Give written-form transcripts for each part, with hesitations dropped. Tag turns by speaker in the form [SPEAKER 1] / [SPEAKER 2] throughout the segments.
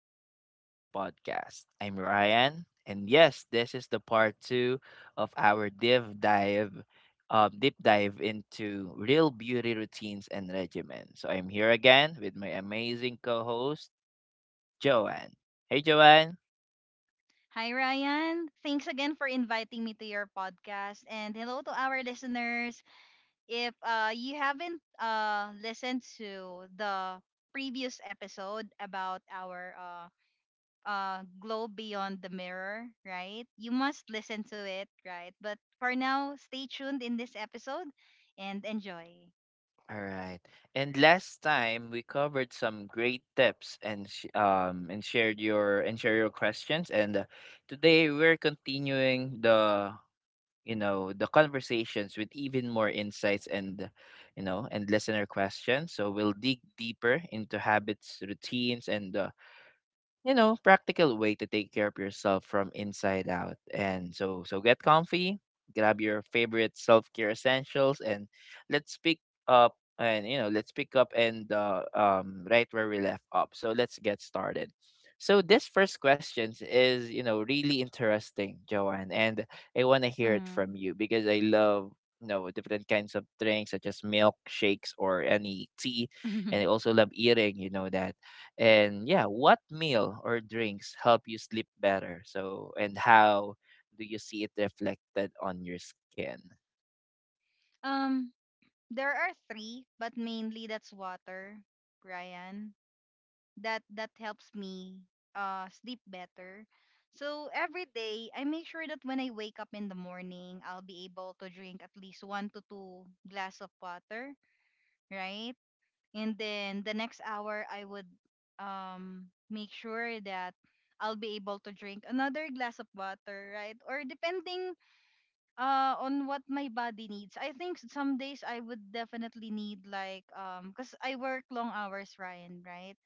[SPEAKER 1] Welcome back to the podcast. I'm Ryan, and yes, this is the part two of our deep dive, deep dive into real beauty routines and regimen. So I'm here again with my amazing co-host Joanne. Hey, Joanne.
[SPEAKER 2] Hi, Ryan. Thanks again for inviting me to your podcast. And hello to our listeners. If you haven't listened to the previous episode about our glow beyond the mirror, right? You must listen to it, right? But for now, stay tuned in this episode and enjoy.
[SPEAKER 1] All right. And last time we covered some great tips and shared your and share your questions and today we're continuing the conversations with even more insights and listener questions, so we'll dig deeper into habits, routines, and practical way to take care of yourself from inside out. And so so get comfy, grab your favorite self-care essentials and let's pick let's pick up and right where we left up. So let's get started. So this first question is, you know, really interesting, Joanne, and I want to hear it from
[SPEAKER 2] Mhm.
[SPEAKER 1] you because I love, you know, different kinds of drinks such as milk shakes or any tea, and I also love eating, you know, that. And yeah, what meal or drinks help you sleep better? So, and how do you see it reflected on your skin?
[SPEAKER 2] um, there are three, but mainly that's water, Ryan. That helps me sleep better. So every day I make sure that when I wake up in the morning, I'll be able to drink at least one to two glass of water, right? And then the next hour I would make sure that I'll be able to drink another glass of water, right? Or depending on what my body needs. I think some days I would definitely need like cuz I work long hours, Ryan, right?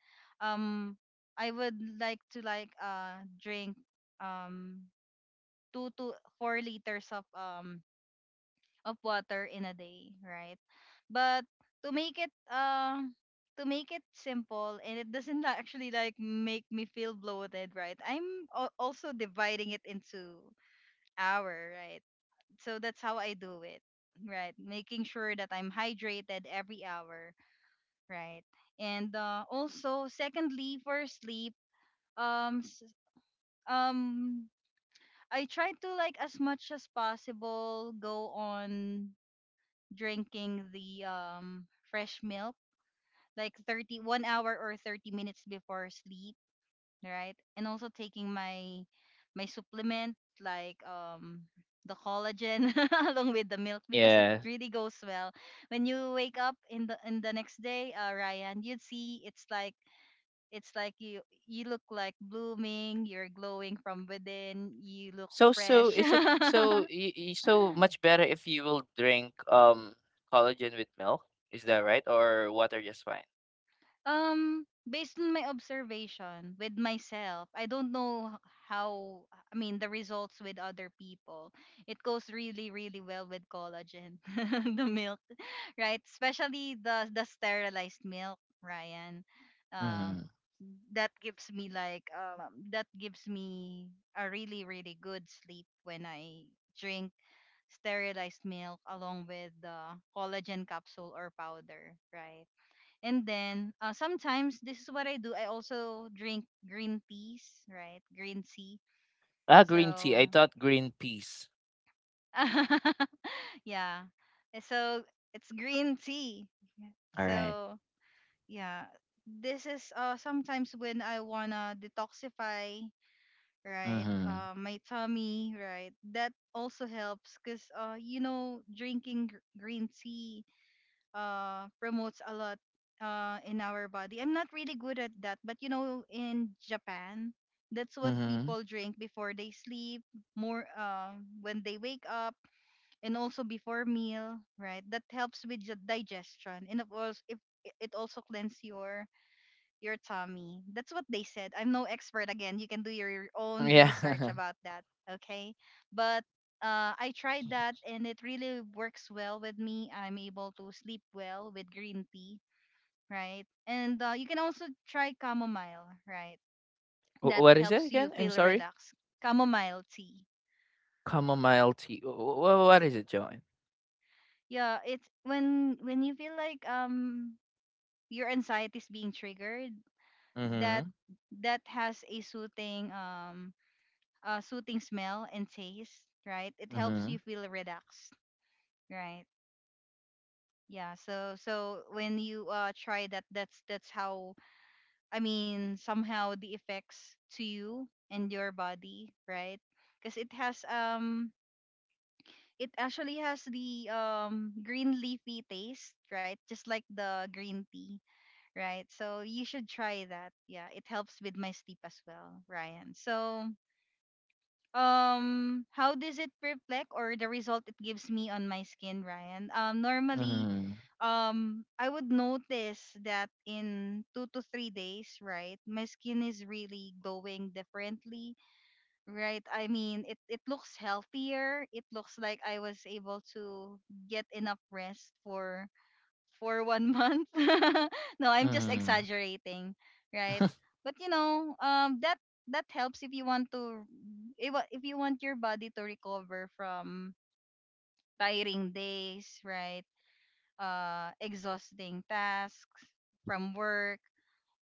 [SPEAKER 2] Um I would like to like drink um 2 to 4 liters of of water in a day, right? But to make it uh to make it simple and it doesn't actually like make me feel bloated, right? Also dividing it into hour, right? So that's how I do it. Right, making sure that I'm hydrated every hour. Right, and also secondly for sleep, um, s- um, I try to like as much as possible go on drinking the fresh milk like 30 1 hour or 30 minutes before sleep, right? And also taking my supplement, like the collagen, along with the milk because it
[SPEAKER 1] Yeah.
[SPEAKER 2] really goes well. When you wake up in the next day, Ryan, you'd see it's like it's like you look like blooming, you're glowing from within, you look
[SPEAKER 1] So, so
[SPEAKER 2] fresh.
[SPEAKER 1] is it so y- y- so much better if you will drink collagen with milk? Is that right? Or water just fine?
[SPEAKER 2] Based on my observation with myself, I don't know how, I mean, the results with other people. It goes really, really well with collagen, the milk, right? Especially the sterilized milk, Ryan. Um,
[SPEAKER 1] Mm-hmm.
[SPEAKER 2] that gives me like that gives me a really, really good sleep when I drink sterilized milk along with the collagen capsule or powder, right? And then sometimes this is what I do. I also drink green teas, right? Green tea.
[SPEAKER 1] Ah, green tea. I
[SPEAKER 2] So
[SPEAKER 1] thought green peas.
[SPEAKER 2] yeah. So it's green tea. Yeah.
[SPEAKER 1] All right.
[SPEAKER 2] So yeah, this is sometimes when I wanna detoxify, right?
[SPEAKER 1] Mm-hmm.
[SPEAKER 2] My tummy, right? That also helps because you know drinking green tea promotes a lot in our body. I'm not really good at that, but you know, in Japan, that's what
[SPEAKER 1] Mm-hmm.
[SPEAKER 2] people drink before they sleep, more when they wake up, and also before meal, right? That helps with the digestion, and of course, if it also cleanse your tummy. That's what they said. I'm no expert again. You can do your own
[SPEAKER 1] Yeah.
[SPEAKER 2] research about that, okay? But I tried that and it really works well with me. I'm able to sleep well with green tea, right? And you can also try chamomile, right? That
[SPEAKER 1] What is it
[SPEAKER 2] helps you
[SPEAKER 1] again? I'm
[SPEAKER 2] feel
[SPEAKER 1] sorry.
[SPEAKER 2] relaxed. Chamomile tea.
[SPEAKER 1] Chamomile tea. What is it, Joanne?
[SPEAKER 2] Yeah, it's when you feel like your anxiety is being triggered,
[SPEAKER 1] Mm-hmm.
[SPEAKER 2] that that has a soothing soothing smell and taste, right? It helps
[SPEAKER 1] Mm-hmm.
[SPEAKER 2] you feel relaxed, right? Yeah, so when you try that, that's how I mean somehow the effects to you and your body, right? Because it actually has the green leafy taste, right? Just like the green tea, right? So you should try that. Yeah, it helps with my sleep as well, Ryan. So how does it reflect or the result it gives me on my skin, Ryan? Normally
[SPEAKER 1] Mhm,
[SPEAKER 2] I would notice that in 2 to 3 days, right? My skin is really glowing differently, right? I mean, it looks healthier, it looks like I was able to get enough rest for one month. No, I'm just
[SPEAKER 1] mhm.
[SPEAKER 2] exaggerating, right? But you know, that that helps if you want to, if you want your body to recover from tiring days, right? Exhausting tasks from work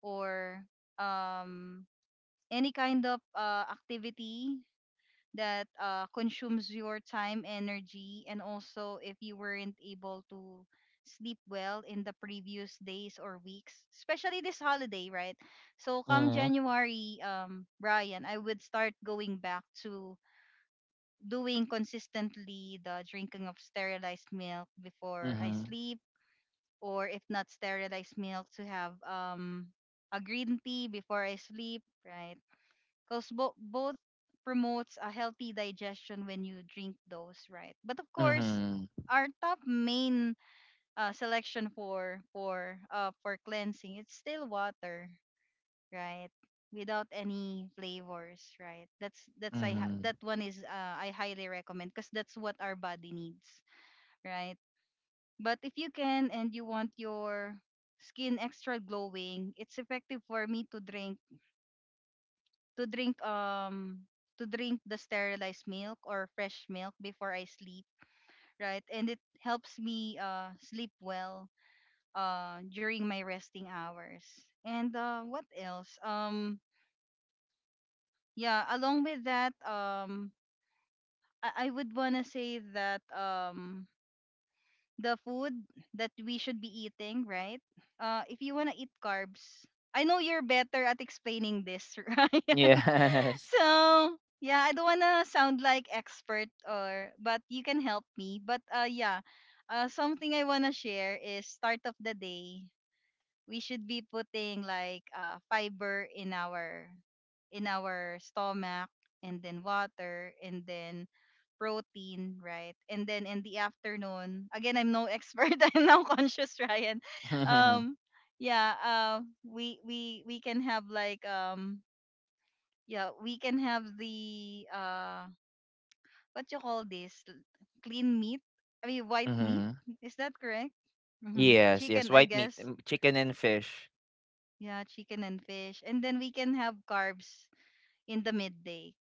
[SPEAKER 2] or um any kind of activity that consumes your time, energy, and also if you weren't able to sleep well in the previous days or weeks, especially this holiday, right? So come
[SPEAKER 1] Mhm.
[SPEAKER 2] January, Brian, I would start going back to doing consistently the drinking of sterilized milk before I
[SPEAKER 1] Mhm,
[SPEAKER 2] sleep, or if not sterilized milk, to have a green tea before I sleep, right? Because both promotes a healthy digestion when you drink those, right? But of course
[SPEAKER 1] mhm,
[SPEAKER 2] our top main selection for for cleansing, it's still water, right? Without any flavors, right? That's
[SPEAKER 1] mhm.
[SPEAKER 2] that one is, I highly recommend because that's what our body needs, right? But if you can and you want your skin extra glowing, it's effective for me to drink um to drink the sterilized milk or fresh milk before I sleep, right? And it helps me sleep well during my resting hours. And what else? Yeah, along with that, I would want to say that the food that we should be eating, right? Uh, if you want to eat carbs, I know you're better at explaining this, right?
[SPEAKER 1] Yes.
[SPEAKER 2] So yeah, I don't wanna sound like expert or but you can help me. But yeah, something I wanna share is start of the day. We should be putting like fiber in our stomach, and then water, and then protein, right? And then in the afternoon, again, I'm no expert, I'm now conscious, Ryan.
[SPEAKER 1] Mhm.
[SPEAKER 2] Um yeah, uh, we can have like yeah, we can have the what you call this? Clean meat? I mean white meat?
[SPEAKER 1] Hmm.
[SPEAKER 2] Is that correct? Mm-hmm.
[SPEAKER 1] Yes, yes,
[SPEAKER 2] Chicken, I
[SPEAKER 1] white meat,
[SPEAKER 2] guess.
[SPEAKER 1] chicken and fish.
[SPEAKER 2] Yeah, chicken and fish. And then we can have carbs in the midday.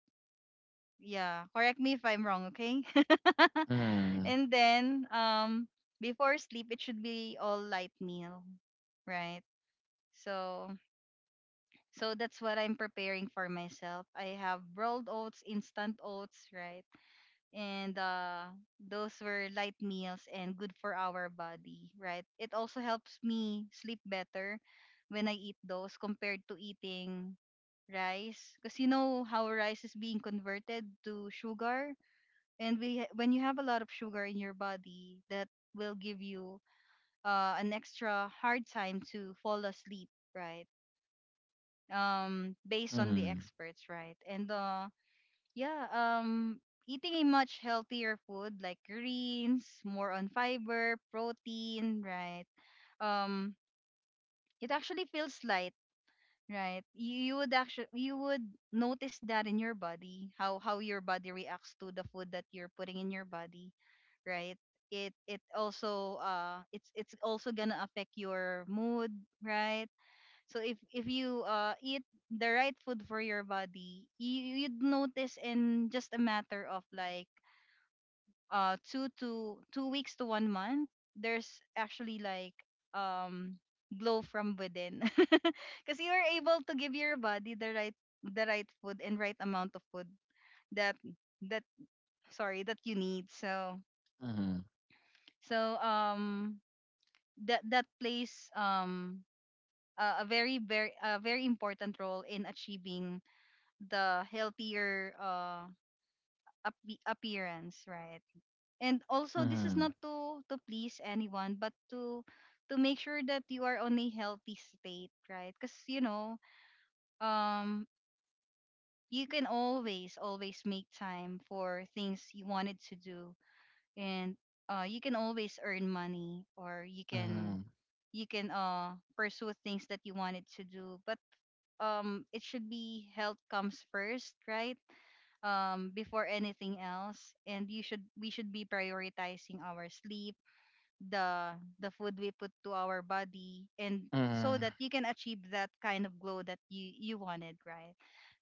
[SPEAKER 2] Yeah, correct me if I'm wrong, okay?
[SPEAKER 1] Mhm,
[SPEAKER 2] and then Before sleep it should be all light meal, right? So so that's what I'm preparing for myself. I have rolled oats, instant oats, right? And those were light meals and good for our body, right? It also helps me sleep better when I eat those compared to eating rice because you know how rice is being converted to sugar, and when you have a lot of sugar in your body, that will give you an extra hard time to fall asleep, right? Um, based on
[SPEAKER 1] mhm,
[SPEAKER 2] the experts, right? And yeah, eating a much healthier food like greens, more on fiber, protein, right? Um, it actually feels light, right? You would notice that in your body, how your body reacts to the food that you're putting in your body, right? It also it's also gonna affect your mood, right? So if you eat the right food for your body, you'd notice in just a matter of like 2 to 2 weeks to one month, there's actually like um glow from within, because you are able to give your body the right food and right amount of food that that sorry that you need. So
[SPEAKER 1] mhm,
[SPEAKER 2] so that that plays a very very a very important role in achieving the healthier appearance, right? And also this is
[SPEAKER 1] mhm,
[SPEAKER 2] not to please anyone, but to make sure that you are on a healthy state, right? Because you know, um, you can always make time for things you wanted to do, and you can always earn money, or
[SPEAKER 1] mhm,
[SPEAKER 2] you can pursue things that you wanted to do, but it should be health comes first, right? Um, before anything else, and you should we should be prioritizing our sleep, the the food we put to our body, and so
[SPEAKER 1] mhm,
[SPEAKER 2] that you can achieve that kind of glow that you wanted, right?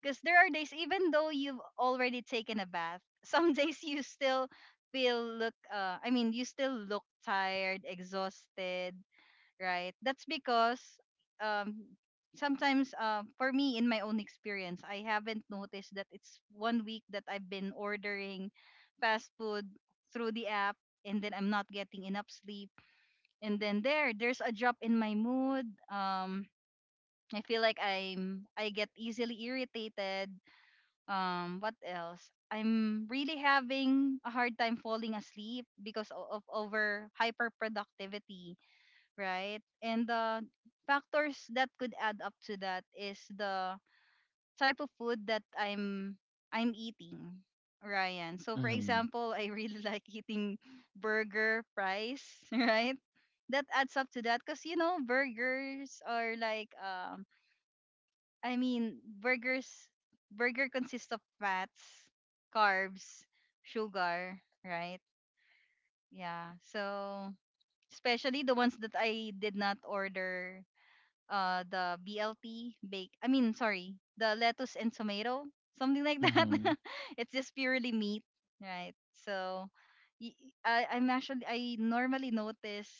[SPEAKER 2] Because there are days, even though you've already taken a bath, some days you still feel look I mean you still look tired, exhausted, right? That's because um, sometimes for me, in my own experience, I haven't noticed that it's one week that I've been ordering fast food through the app, and then I'm not getting enough sleep. And then there's a drop in my mood. I feel like I get easily irritated. What else? I'm really having a hard time falling asleep because of over hyperproductivity, right? And the factors that could add up to that is the type of food that I'm eating, Ryan. So for
[SPEAKER 1] mhm,
[SPEAKER 2] example, I really like eating burger fries, right? That adds up to that because you know burgers are like I mean burgers burger consists of fats, carbs, sugar, right? Yeah. So especially the ones that I did not order the BLT bake, I mean, sorry, the lettuce and tomato, something like that.
[SPEAKER 1] mhm,
[SPEAKER 2] It's just purely meat, right? So y- I am, actually I normally notice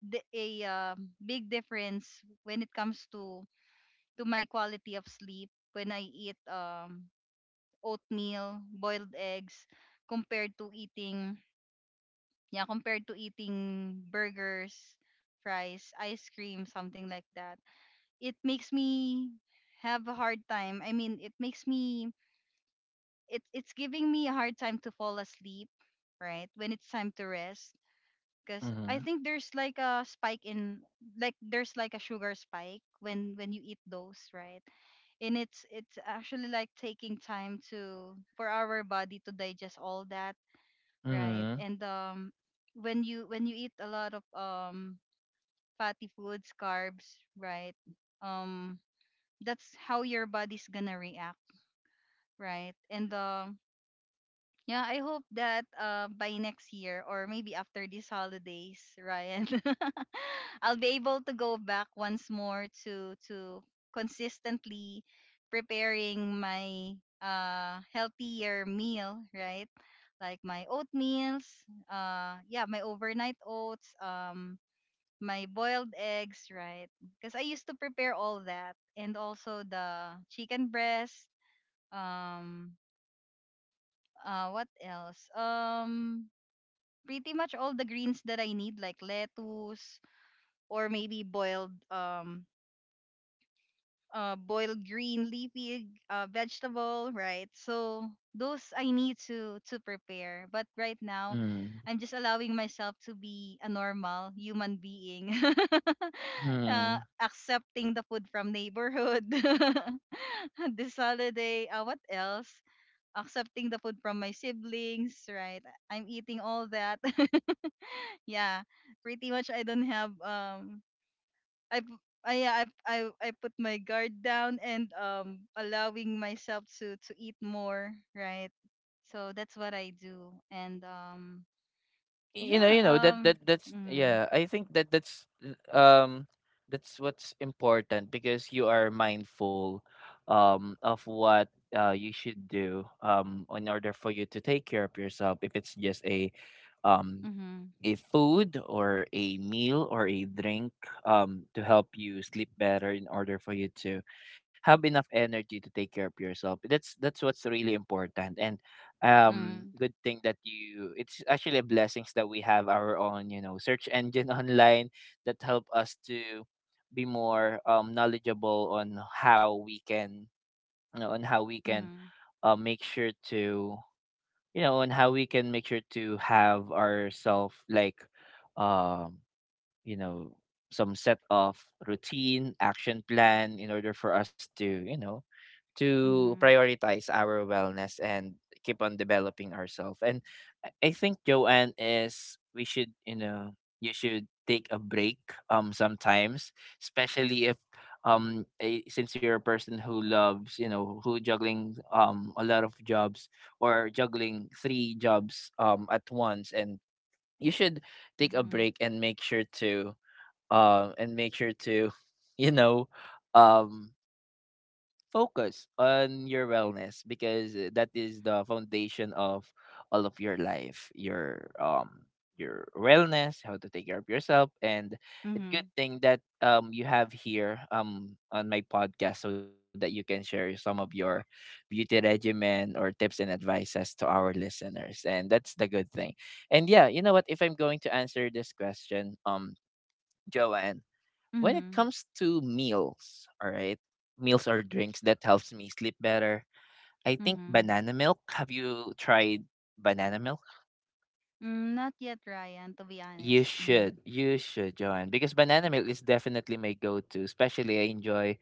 [SPEAKER 2] the, a big difference when it comes to my quality of sleep when I eat oatmeal, boiled eggs compared to eating, yeah, compared to eating burgers, fries, ice cream, something like that. It makes me have a hard time. I mean, it makes me, it's giving me a hard time to fall asleep, right? When it's time to rest, because I think there's like a spike in, like there's like a sugar spike when you eat those, right? And it's actually like taking time to, for our body to digest all that, right?
[SPEAKER 1] mhm,
[SPEAKER 2] And when you eat a lot of fatty foods, carbs, right? Um that's how your body's gonna react, right? And yeah, I hope that by next year, or maybe after these holidays, Ryan, I'll be able to go back once more to consistently preparing my healthier meal, right? Like my oatmeals, yeah, my overnight oats, my boiled eggs, right? Because I used to prepare all that, and also the chicken breast. Um, what else? Pretty much all the greens that I need, like lettuce, or maybe boiled boiled green leafy vegetable, right? So those I need to prepare. But right now,
[SPEAKER 1] mhm,
[SPEAKER 2] I'm just allowing myself to be a normal human being.
[SPEAKER 1] mhm.
[SPEAKER 2] Accepting the food from neighborhood. This holiday, what else? Accepting the food from my siblings, right? I'm eating all that. Yeah, pretty much I don't have I p- I I I I put my guard down and allowing myself to eat more, right? So that's what I do. And
[SPEAKER 1] You know
[SPEAKER 2] yeah.
[SPEAKER 1] that that that's yeah,
[SPEAKER 2] Mhm.
[SPEAKER 1] I think that that's, um that's what's important, because you are mindful of what you should do in order for you to take care of yourself, if it's just um
[SPEAKER 2] Mhm.
[SPEAKER 1] a food or a meal or a drink, to help you sleep better in order for you to have enough energy to take care of yourself. That's what's really important. And
[SPEAKER 2] Mhm.
[SPEAKER 1] good thing that you, it's actually a blessings that we have our own, you know, search engine online that help us to be more knowledgeable on how we can, you know, on how we can
[SPEAKER 2] Mhm.
[SPEAKER 1] make sure to, you know, and how we can make sure to have ourselves like, um, you know, some set of routine, action plan in order for us to, you know, to
[SPEAKER 2] Mhm.
[SPEAKER 1] prioritize our wellness and keep on developing ourselves. And I think, Joanne, is we should, you know, you should take a break sometimes, especially if since you're a person who loves, you know, who juggling a lot of jobs or juggling three jobs at once, and you should take a
[SPEAKER 2] Mhm.
[SPEAKER 1] break and make sure to um and make sure to you know um focus on your wellness, because that is the foundation of all of your life, your wellness, how to take care of yourself. And a good
[SPEAKER 2] Mhm.
[SPEAKER 1] thing that you have here on my podcast, so that you can share some of your beauty regimen or tips and advices to our listeners. And that's the good thing. And yeah, you know what, if I'm going to answer this question, Joanne, when it
[SPEAKER 2] Mhm.
[SPEAKER 1] comes to meals, all right, meals or drinks that helps me sleep better, I think
[SPEAKER 2] Mhm.
[SPEAKER 1] banana milk. Have you tried banana milk?
[SPEAKER 2] Mm, not yet, Ryan, to be honest. Mhm.
[SPEAKER 1] You should, Joanne, because banana milk is definitely my go-to. Especially, I enjoy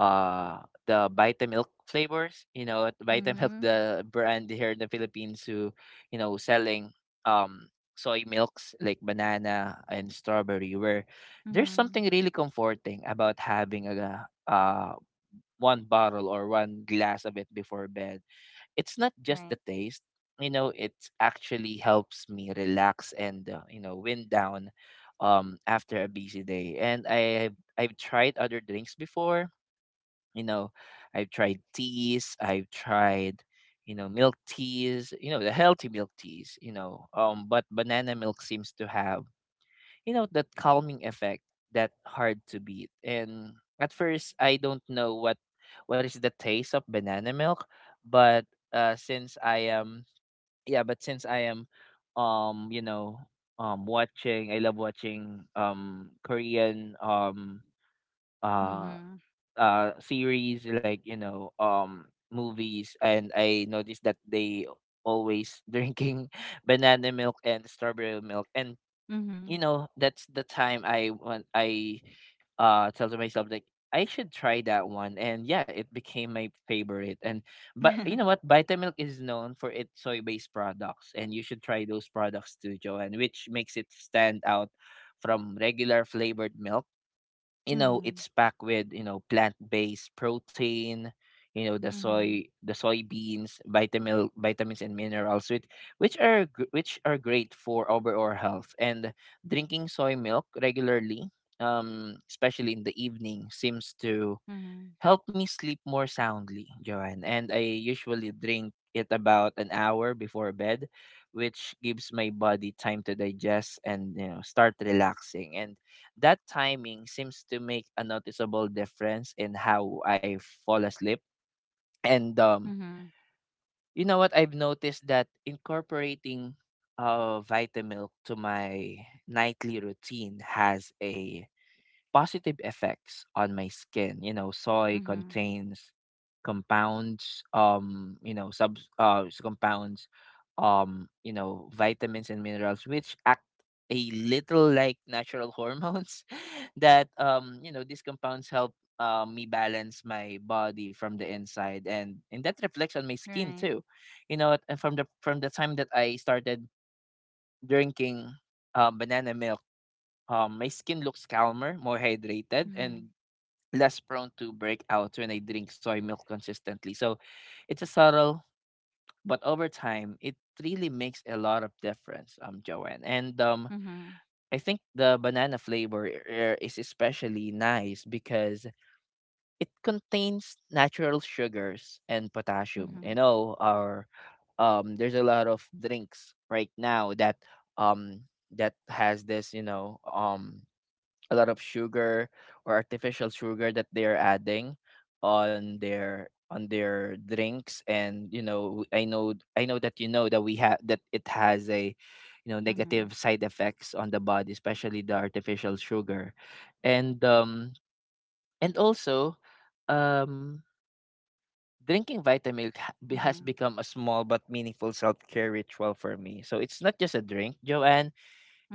[SPEAKER 1] the Vitamilk flavors. You know, at Vitamilk,
[SPEAKER 2] Mhm.
[SPEAKER 1] the brand here in the Philippines, who, you know, selling um soy milks like banana and strawberry, where there's
[SPEAKER 2] Mhm.
[SPEAKER 1] something really comforting about having a uh one bottle or one glass of it before bed. It's not just
[SPEAKER 2] Right.
[SPEAKER 1] the taste. You know, it actually helps me relax and, you know, wind down, after a busy day. And I've tried other drinks before. You know, I've tried teas. I've tried, you know, milk teas. You know, the healthy milk teas. You know, but banana milk seems to have, you know, that calming effect that hard to beat. And at first I don't know what is the taste of banana milk, but uh since i am since I am, um you know watching, I love watching Korean uh
[SPEAKER 2] Mhm.
[SPEAKER 1] series like, you know, movies, and I noticed that they always drinking banana milk and strawberry milk. And,
[SPEAKER 2] Mhm.
[SPEAKER 1] you know, that's the time I want, I tell to myself like I should try that one, and yeah, it became my favorite. And, but you know what, Vitamilk is known for its soy based products, and you should try those products too, Joanne, which makes it stand out from regular flavored milk. You know,
[SPEAKER 2] Mhm.
[SPEAKER 1] it's packed with, you know, plant-based protein, you know the
[SPEAKER 2] Mhm.
[SPEAKER 1] soy the soybeans, vitamins, and minerals, which which are great for overall health. And drinking soy milk regularly, especially in the evening, seems to
[SPEAKER 2] Mhm.
[SPEAKER 1] help me sleep more soundly, Joanne. And I usually drink it about an hour before bed, which gives my body time to digest and, you know, start relaxing. And that timing seems to make a noticeable difference in how I fall asleep. And,
[SPEAKER 2] Mhm.
[SPEAKER 1] you know what? I've noticed that incorporating Vitamilk to my nightly routine has a positive effects on my skin. You know, soy
[SPEAKER 2] Mhm.
[SPEAKER 1] contains compounds, compounds, you know, vitamins and minerals, which act a little like natural hormones that, you know, these compounds help, me balance my body from the inside, and that reflects on my skin
[SPEAKER 2] Right.
[SPEAKER 1] too. You know, and from the time that I started drinking, banana milk, my skin looks calmer, more hydrated,
[SPEAKER 2] Mhm.
[SPEAKER 1] and less prone to breakouts when I drink soy milk consistently. So it's a subtle, but over time, it really makes a lot of difference, Joanne. And,
[SPEAKER 2] Mhm,
[SPEAKER 1] I think the banana flavor, is especially nice because it contains natural sugars and potassium.
[SPEAKER 2] mhm,
[SPEAKER 1] You know, our, there's a lot of drinks right now that um that has this, you know, a lot of sugar or artificial sugar that they are adding on their drinks. And you know, I know that, you know, that we have that, it has a, you know,
[SPEAKER 2] mhm,
[SPEAKER 1] negative side effects on the body, especially the artificial sugar. And and also, um drinking Vitamilk has
[SPEAKER 2] mhm,
[SPEAKER 1] become a small but meaningful self-care ritual for me. So it's not just a drink, Joanne,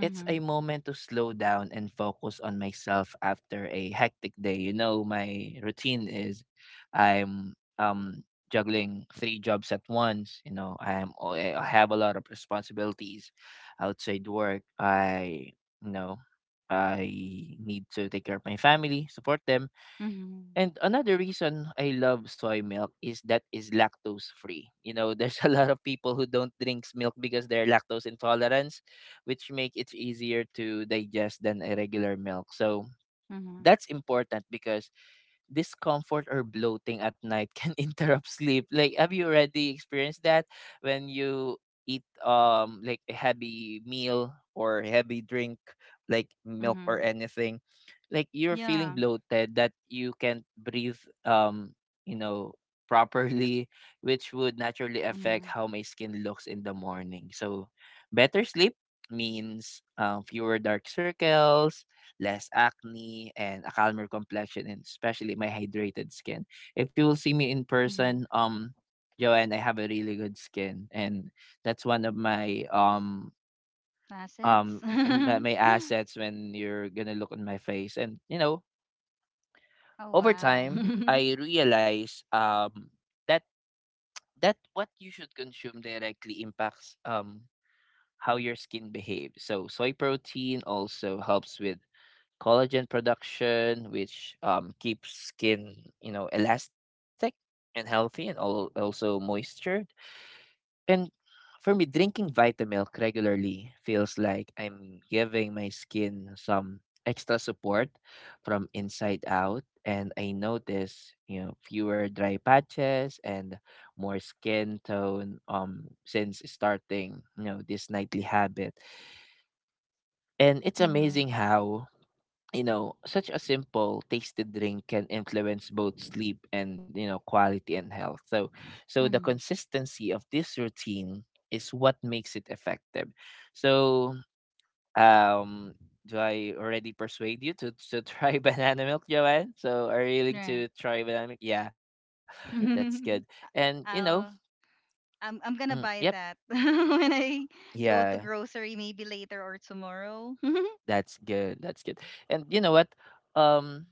[SPEAKER 1] it's a moment to slow down and focus on myself after a hectic day. You know, my routine is, I'm juggling three jobs at once. You know, I have a lot of responsibilities outside work. I you know I need to take care of my family, support them.
[SPEAKER 2] mhm,
[SPEAKER 1] And another reason I love soy milk is that is lactose free. You know, there's a lot of people who don't drink milk because they're lactose intolerant, which make it easier to digest than a regular milk. So
[SPEAKER 2] mhm,
[SPEAKER 1] that's important because discomfort or bloating at night can interrupt sleep. Like, have you already experienced that when you eat like a heavy meal or heavy drink like milk or
[SPEAKER 2] mhm.
[SPEAKER 1] anything? Like you're feeling
[SPEAKER 2] Yeah.
[SPEAKER 1] bloated that you can't breathe you know properly, which would naturally affect
[SPEAKER 2] Mhm,
[SPEAKER 1] how my skin looks in the morning. So, better sleep means, fewer dark circles, less acne, and a calmer complexion, and especially my hydrated skin. If you will see me in person,
[SPEAKER 2] mhm.
[SPEAKER 1] Joanne, I have a really good skin, and that's one of my
[SPEAKER 2] Assets.
[SPEAKER 1] my assets when you're gonna look on my face. And you know,
[SPEAKER 2] Oh
[SPEAKER 1] over
[SPEAKER 2] wow.
[SPEAKER 1] time, I realize that that what you should consume directly impacts how your skin behaves. So soy protein also helps with collagen production, which, keeps skin, you know, elastic and healthy and all, also moisture. And for me, drinking Vitamilk regularly feels like I'm giving my skin some extra support from inside out. And I notice, you know, fewer dry patches and more skin tone since starting, you know, this nightly habit. And it's
[SPEAKER 2] Mhm,
[SPEAKER 1] amazing how, you know, such a simple tasted drink can influence both sleep and, you know, quality and health. So, so the
[SPEAKER 2] mhm.
[SPEAKER 1] consistency of this routine is what makes it effective. So, um, do I already persuade you to try banana milk, Joanne? So, are you willing
[SPEAKER 2] Right.
[SPEAKER 1] to try banana milk? Yeah, that's good. And you know,
[SPEAKER 2] I'll. I'm.
[SPEAKER 1] mm,
[SPEAKER 2] I'm gonna
[SPEAKER 1] yep,
[SPEAKER 2] buy that when I go
[SPEAKER 1] yeah,
[SPEAKER 2] to grocery, maybe later or tomorrow.
[SPEAKER 1] that's good, that's good. And you know what? Um,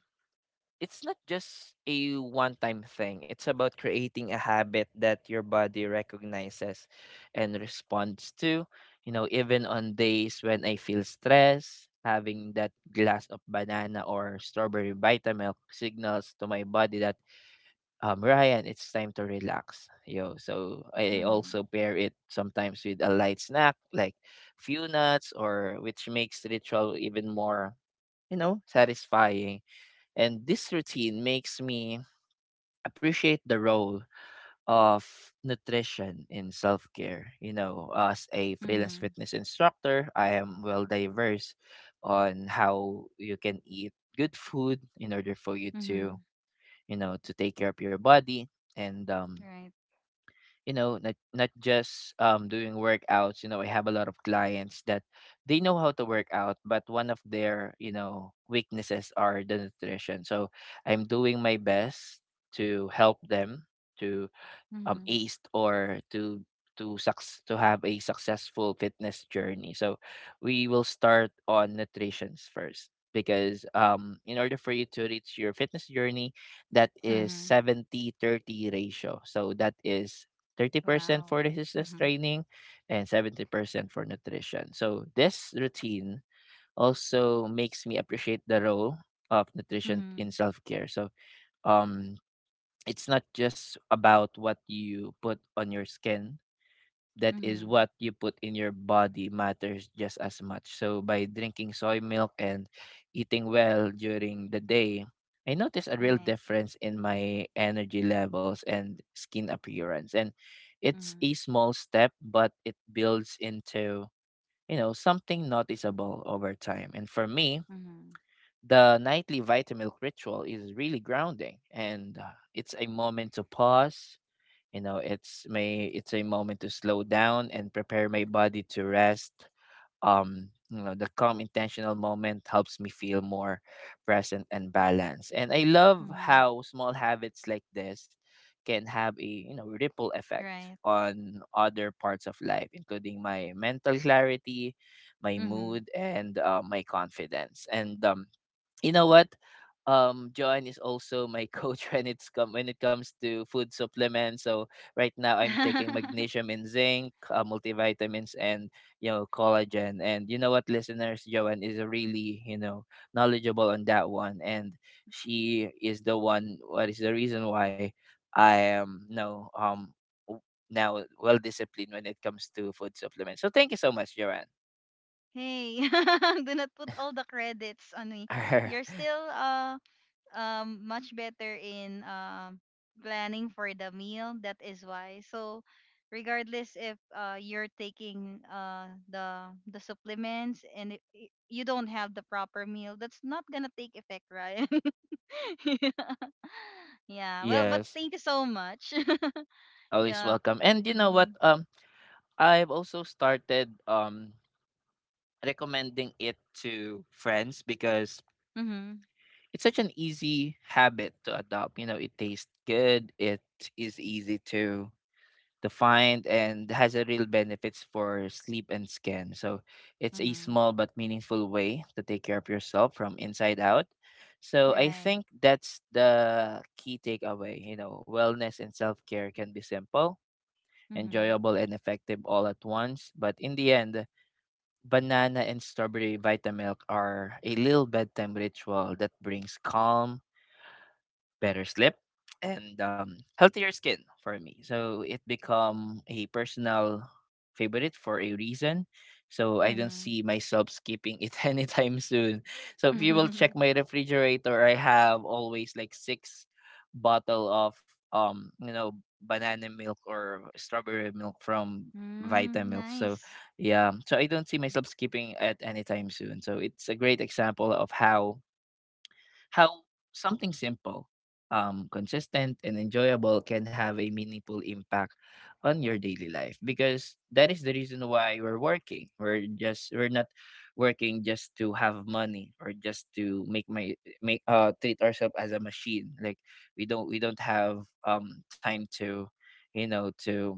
[SPEAKER 1] it's not just a one-time thing. It's about creating a habit that your body recognizes and responds to. You know, even on days when I feel stressed, having that glass of banana or strawberry Vitamilk signals to my body that Ryan, it's time to relax. Yo, so I
[SPEAKER 2] Mhm,
[SPEAKER 1] also pair it sometimes with a light snack like few nuts or which makes the ritual even more, you know, satisfying, and this routine makes me appreciate the role of nutrition in self care. You know, as a freelance
[SPEAKER 2] mhm,
[SPEAKER 1] fitness instructor, I am well diverse on how you can eat good food in order for you to,
[SPEAKER 2] mhm.
[SPEAKER 1] you know, to take care of your body. And
[SPEAKER 2] Right.
[SPEAKER 1] you know, not just doing workouts. You know, I have a lot of clients that they know how to work out, but one of their, you know, weaknesses are the nutrition. So I'm doing my best to help them to
[SPEAKER 2] Mhm,
[SPEAKER 1] aced or to sucks to have a successful fitness journey. So we will start on nutritions first, because in order for you to reach your fitness journey, that is
[SPEAKER 2] mhm.
[SPEAKER 1] 70-30 ratio. So that is 30% for
[SPEAKER 2] Wow.
[SPEAKER 1] resistance
[SPEAKER 2] Mhm,
[SPEAKER 1] training and 70% for nutrition. So this routine also makes me appreciate the role of nutrition
[SPEAKER 2] mhm,
[SPEAKER 1] in self-care. So um it's not just about what you put on your skin, that is
[SPEAKER 2] mhm.
[SPEAKER 1] what you put in your body matters just as much. So by drinking soy milk and eating well during the day, I noticed a real
[SPEAKER 2] Right.
[SPEAKER 1] difference in my energy levels and skin appearance, and it's a
[SPEAKER 2] Mhm,
[SPEAKER 1] small step, but it builds into, you know, something noticeable over time. And for me,
[SPEAKER 2] mhm.
[SPEAKER 1] the nightly Vitamilk ritual is really grounding, and it's a moment to pause. You know, it's a moment to slow down and prepare my body to rest. You know, the calm intentional moment helps me feel more present and balanced. And I love
[SPEAKER 2] Mhm.
[SPEAKER 1] how small habits like this can have a, you know, ripple effect
[SPEAKER 2] Right.
[SPEAKER 1] on other parts of life, including my mental clarity, my
[SPEAKER 2] Mhm.
[SPEAKER 1] mood, and my confidence. And you know what? John is also my coach when it comes to food supplements. So right now I'm taking magnesium and zinc, multivitamins, and you know, collagen. And you know what, listeners, Joanne is really, you know, knowledgeable on that one, and she is the one. What is the reason why I am no w- now well disciplined when it comes to food supplements. So thank you so much, Joanne.
[SPEAKER 2] Hey, do not put all the credits on me. You're still much better in planning for the meal. That is why. So regardless if you're taking the supplements and you don't have the proper meal, that's not gonna take effect, right? Yeah. Yeah. Well, but
[SPEAKER 1] Yes,
[SPEAKER 2] thank you so much.
[SPEAKER 1] always
[SPEAKER 2] Yeah.
[SPEAKER 1] welcome. And you know what?
[SPEAKER 2] Mhm.
[SPEAKER 1] I've also started recommending it to friends, because
[SPEAKER 2] Mhm.
[SPEAKER 1] it's such an easy habit to adopt. You know, it tastes good, it is easy to find and has a real benefits for sleep and skin. So it's a
[SPEAKER 2] Mhm.
[SPEAKER 1] small but meaningful way to take care of yourself from inside out. So I
[SPEAKER 2] Right.
[SPEAKER 1] think that's the key takeaway. You know, wellness and self-care can be simple,
[SPEAKER 2] Mm-hmm.
[SPEAKER 1] enjoyable and effective all at once, but in the end, Banana and strawberry Vitamilk are a little bedtime ritual that brings calm, better sleep, and healthier skin for me. So it become a personal favorite for a reason. So I don't
[SPEAKER 2] Mm-hmm.
[SPEAKER 1] see myself skipping it anytime soon. So if you will check my refrigerator, I have always like six bottle of you know, banana milk or strawberry milk from
[SPEAKER 2] Mm,
[SPEAKER 1] Vita milk. So
[SPEAKER 2] nice.
[SPEAKER 1] yeah, so I don't see myself skipping at any time soon. So it's a great example of how how something simple, consistent, and enjoyable can have a meaningful impact on your daily life. Because that is the reason why we're working. We're not working just to have money or just to make my make treat ourselves as a machine. Like we don't have time to, you know,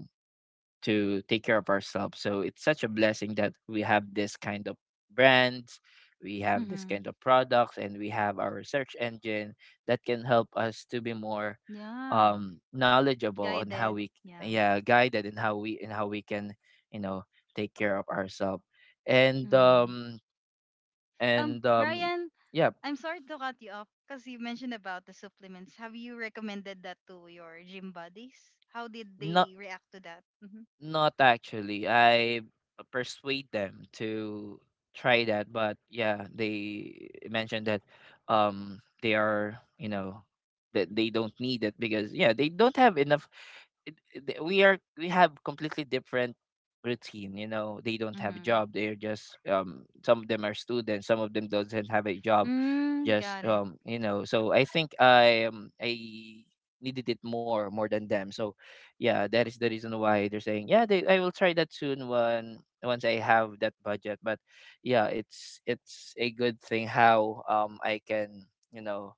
[SPEAKER 1] to take care of ourselves. So it's such a blessing that we have this kind of brands, we have this
[SPEAKER 2] Mm-hmm.
[SPEAKER 1] kind of products, and we have our search engine that can help us to be more
[SPEAKER 2] Yeah.
[SPEAKER 1] knowledgeable on how
[SPEAKER 2] Guided.
[SPEAKER 1] we,
[SPEAKER 2] Yeah.
[SPEAKER 1] yeah, guided, and how we can, you know, take care of ourselves and
[SPEAKER 2] Mm-hmm.
[SPEAKER 1] and um
[SPEAKER 2] Brian,
[SPEAKER 1] yeah.
[SPEAKER 2] I'm sorry to cut you off because you mentioned about the supplements. Have you recommended that to your gym buddies? How did
[SPEAKER 1] Not.
[SPEAKER 2] they react to that? Mm-hmm.
[SPEAKER 1] Not actually. I persuade them to try that, but yeah, they mentioned that they are, you know, that they don't need it because yeah, they don't have enough we are we have completely different routine, you know. They don't have a
[SPEAKER 2] Mm-hmm.
[SPEAKER 1] job. They're just some of them are students, some of them doesn't have a job.
[SPEAKER 2] Mm,
[SPEAKER 1] Just
[SPEAKER 2] got it.
[SPEAKER 1] you know, so I think I needed it more than them. So yeah, that is the reason why they're saying yeah they, I will try that soon when once I have that budget, but yeah, it's a good thing how I can, you know,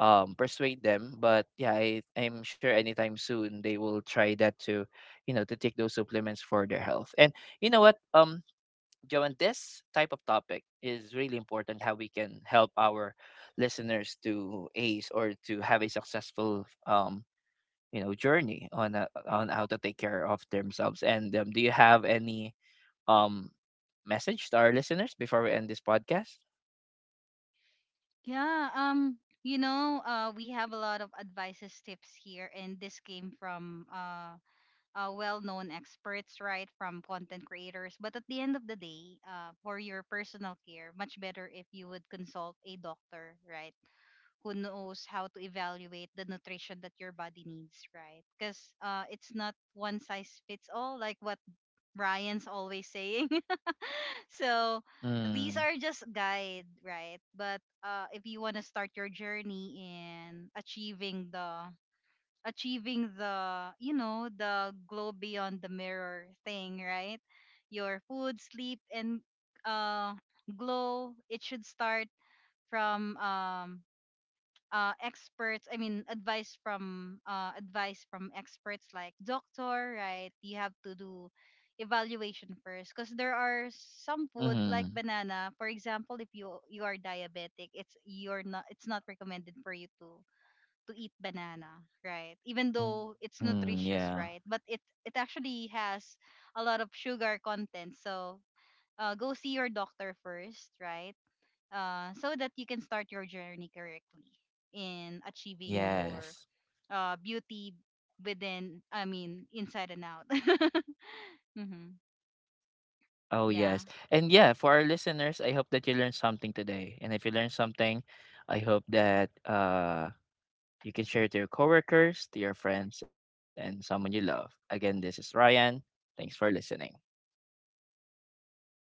[SPEAKER 1] persuade them, but yeah, I'm sure anytime soon they will try that to, you know, to take those supplements for their health. And you know what, Joan, this type of topic is really important, how we can help our listeners to ace or to have a successful, you know, journey on how to take care of themselves. And do you have any um message to our listeners before we end this podcast?
[SPEAKER 2] Yeah. You know, we have a lot of advices, tips here, and this came from well-known experts, right, from content creators. But at the end of the day, for your personal care, much better if you would consult a doctor, right, who knows how to evaluate the nutrition that your body needs, right? Because it's not one size fits all, like what Ryan's always saying. So
[SPEAKER 1] Mm,
[SPEAKER 2] these are just guide, right? But if you want to start your journey in achieving the, you know, the glow beyond the mirror thing, right? Your food, sleep, and uh glow, it should start from experts, I mean advice from, advice from experts like doctor, right? You have to do evaluation first, because there are some
[SPEAKER 1] mm,
[SPEAKER 2] food, like banana for example, if you, you are diabetic, it's you're not, it's not recommended for you to eat banana, right? Even
[SPEAKER 1] mm,
[SPEAKER 2] though it's
[SPEAKER 1] yeah,
[SPEAKER 2] nutritious, right? But it actually has a lot of sugar content. So go see your doctor first, right? So that you can start your journey correctly in achieving
[SPEAKER 1] yes,
[SPEAKER 2] your beauty within. I mean, inside and out. Hmm.
[SPEAKER 1] oh yes. And
[SPEAKER 2] Yeah.
[SPEAKER 1] yeah, for our listeners, I hope that you learned something today, and if you learned something, I hope that you can share it to your coworkers, to your friends, and someone you love. Again, this is Ryan, thanks for listening.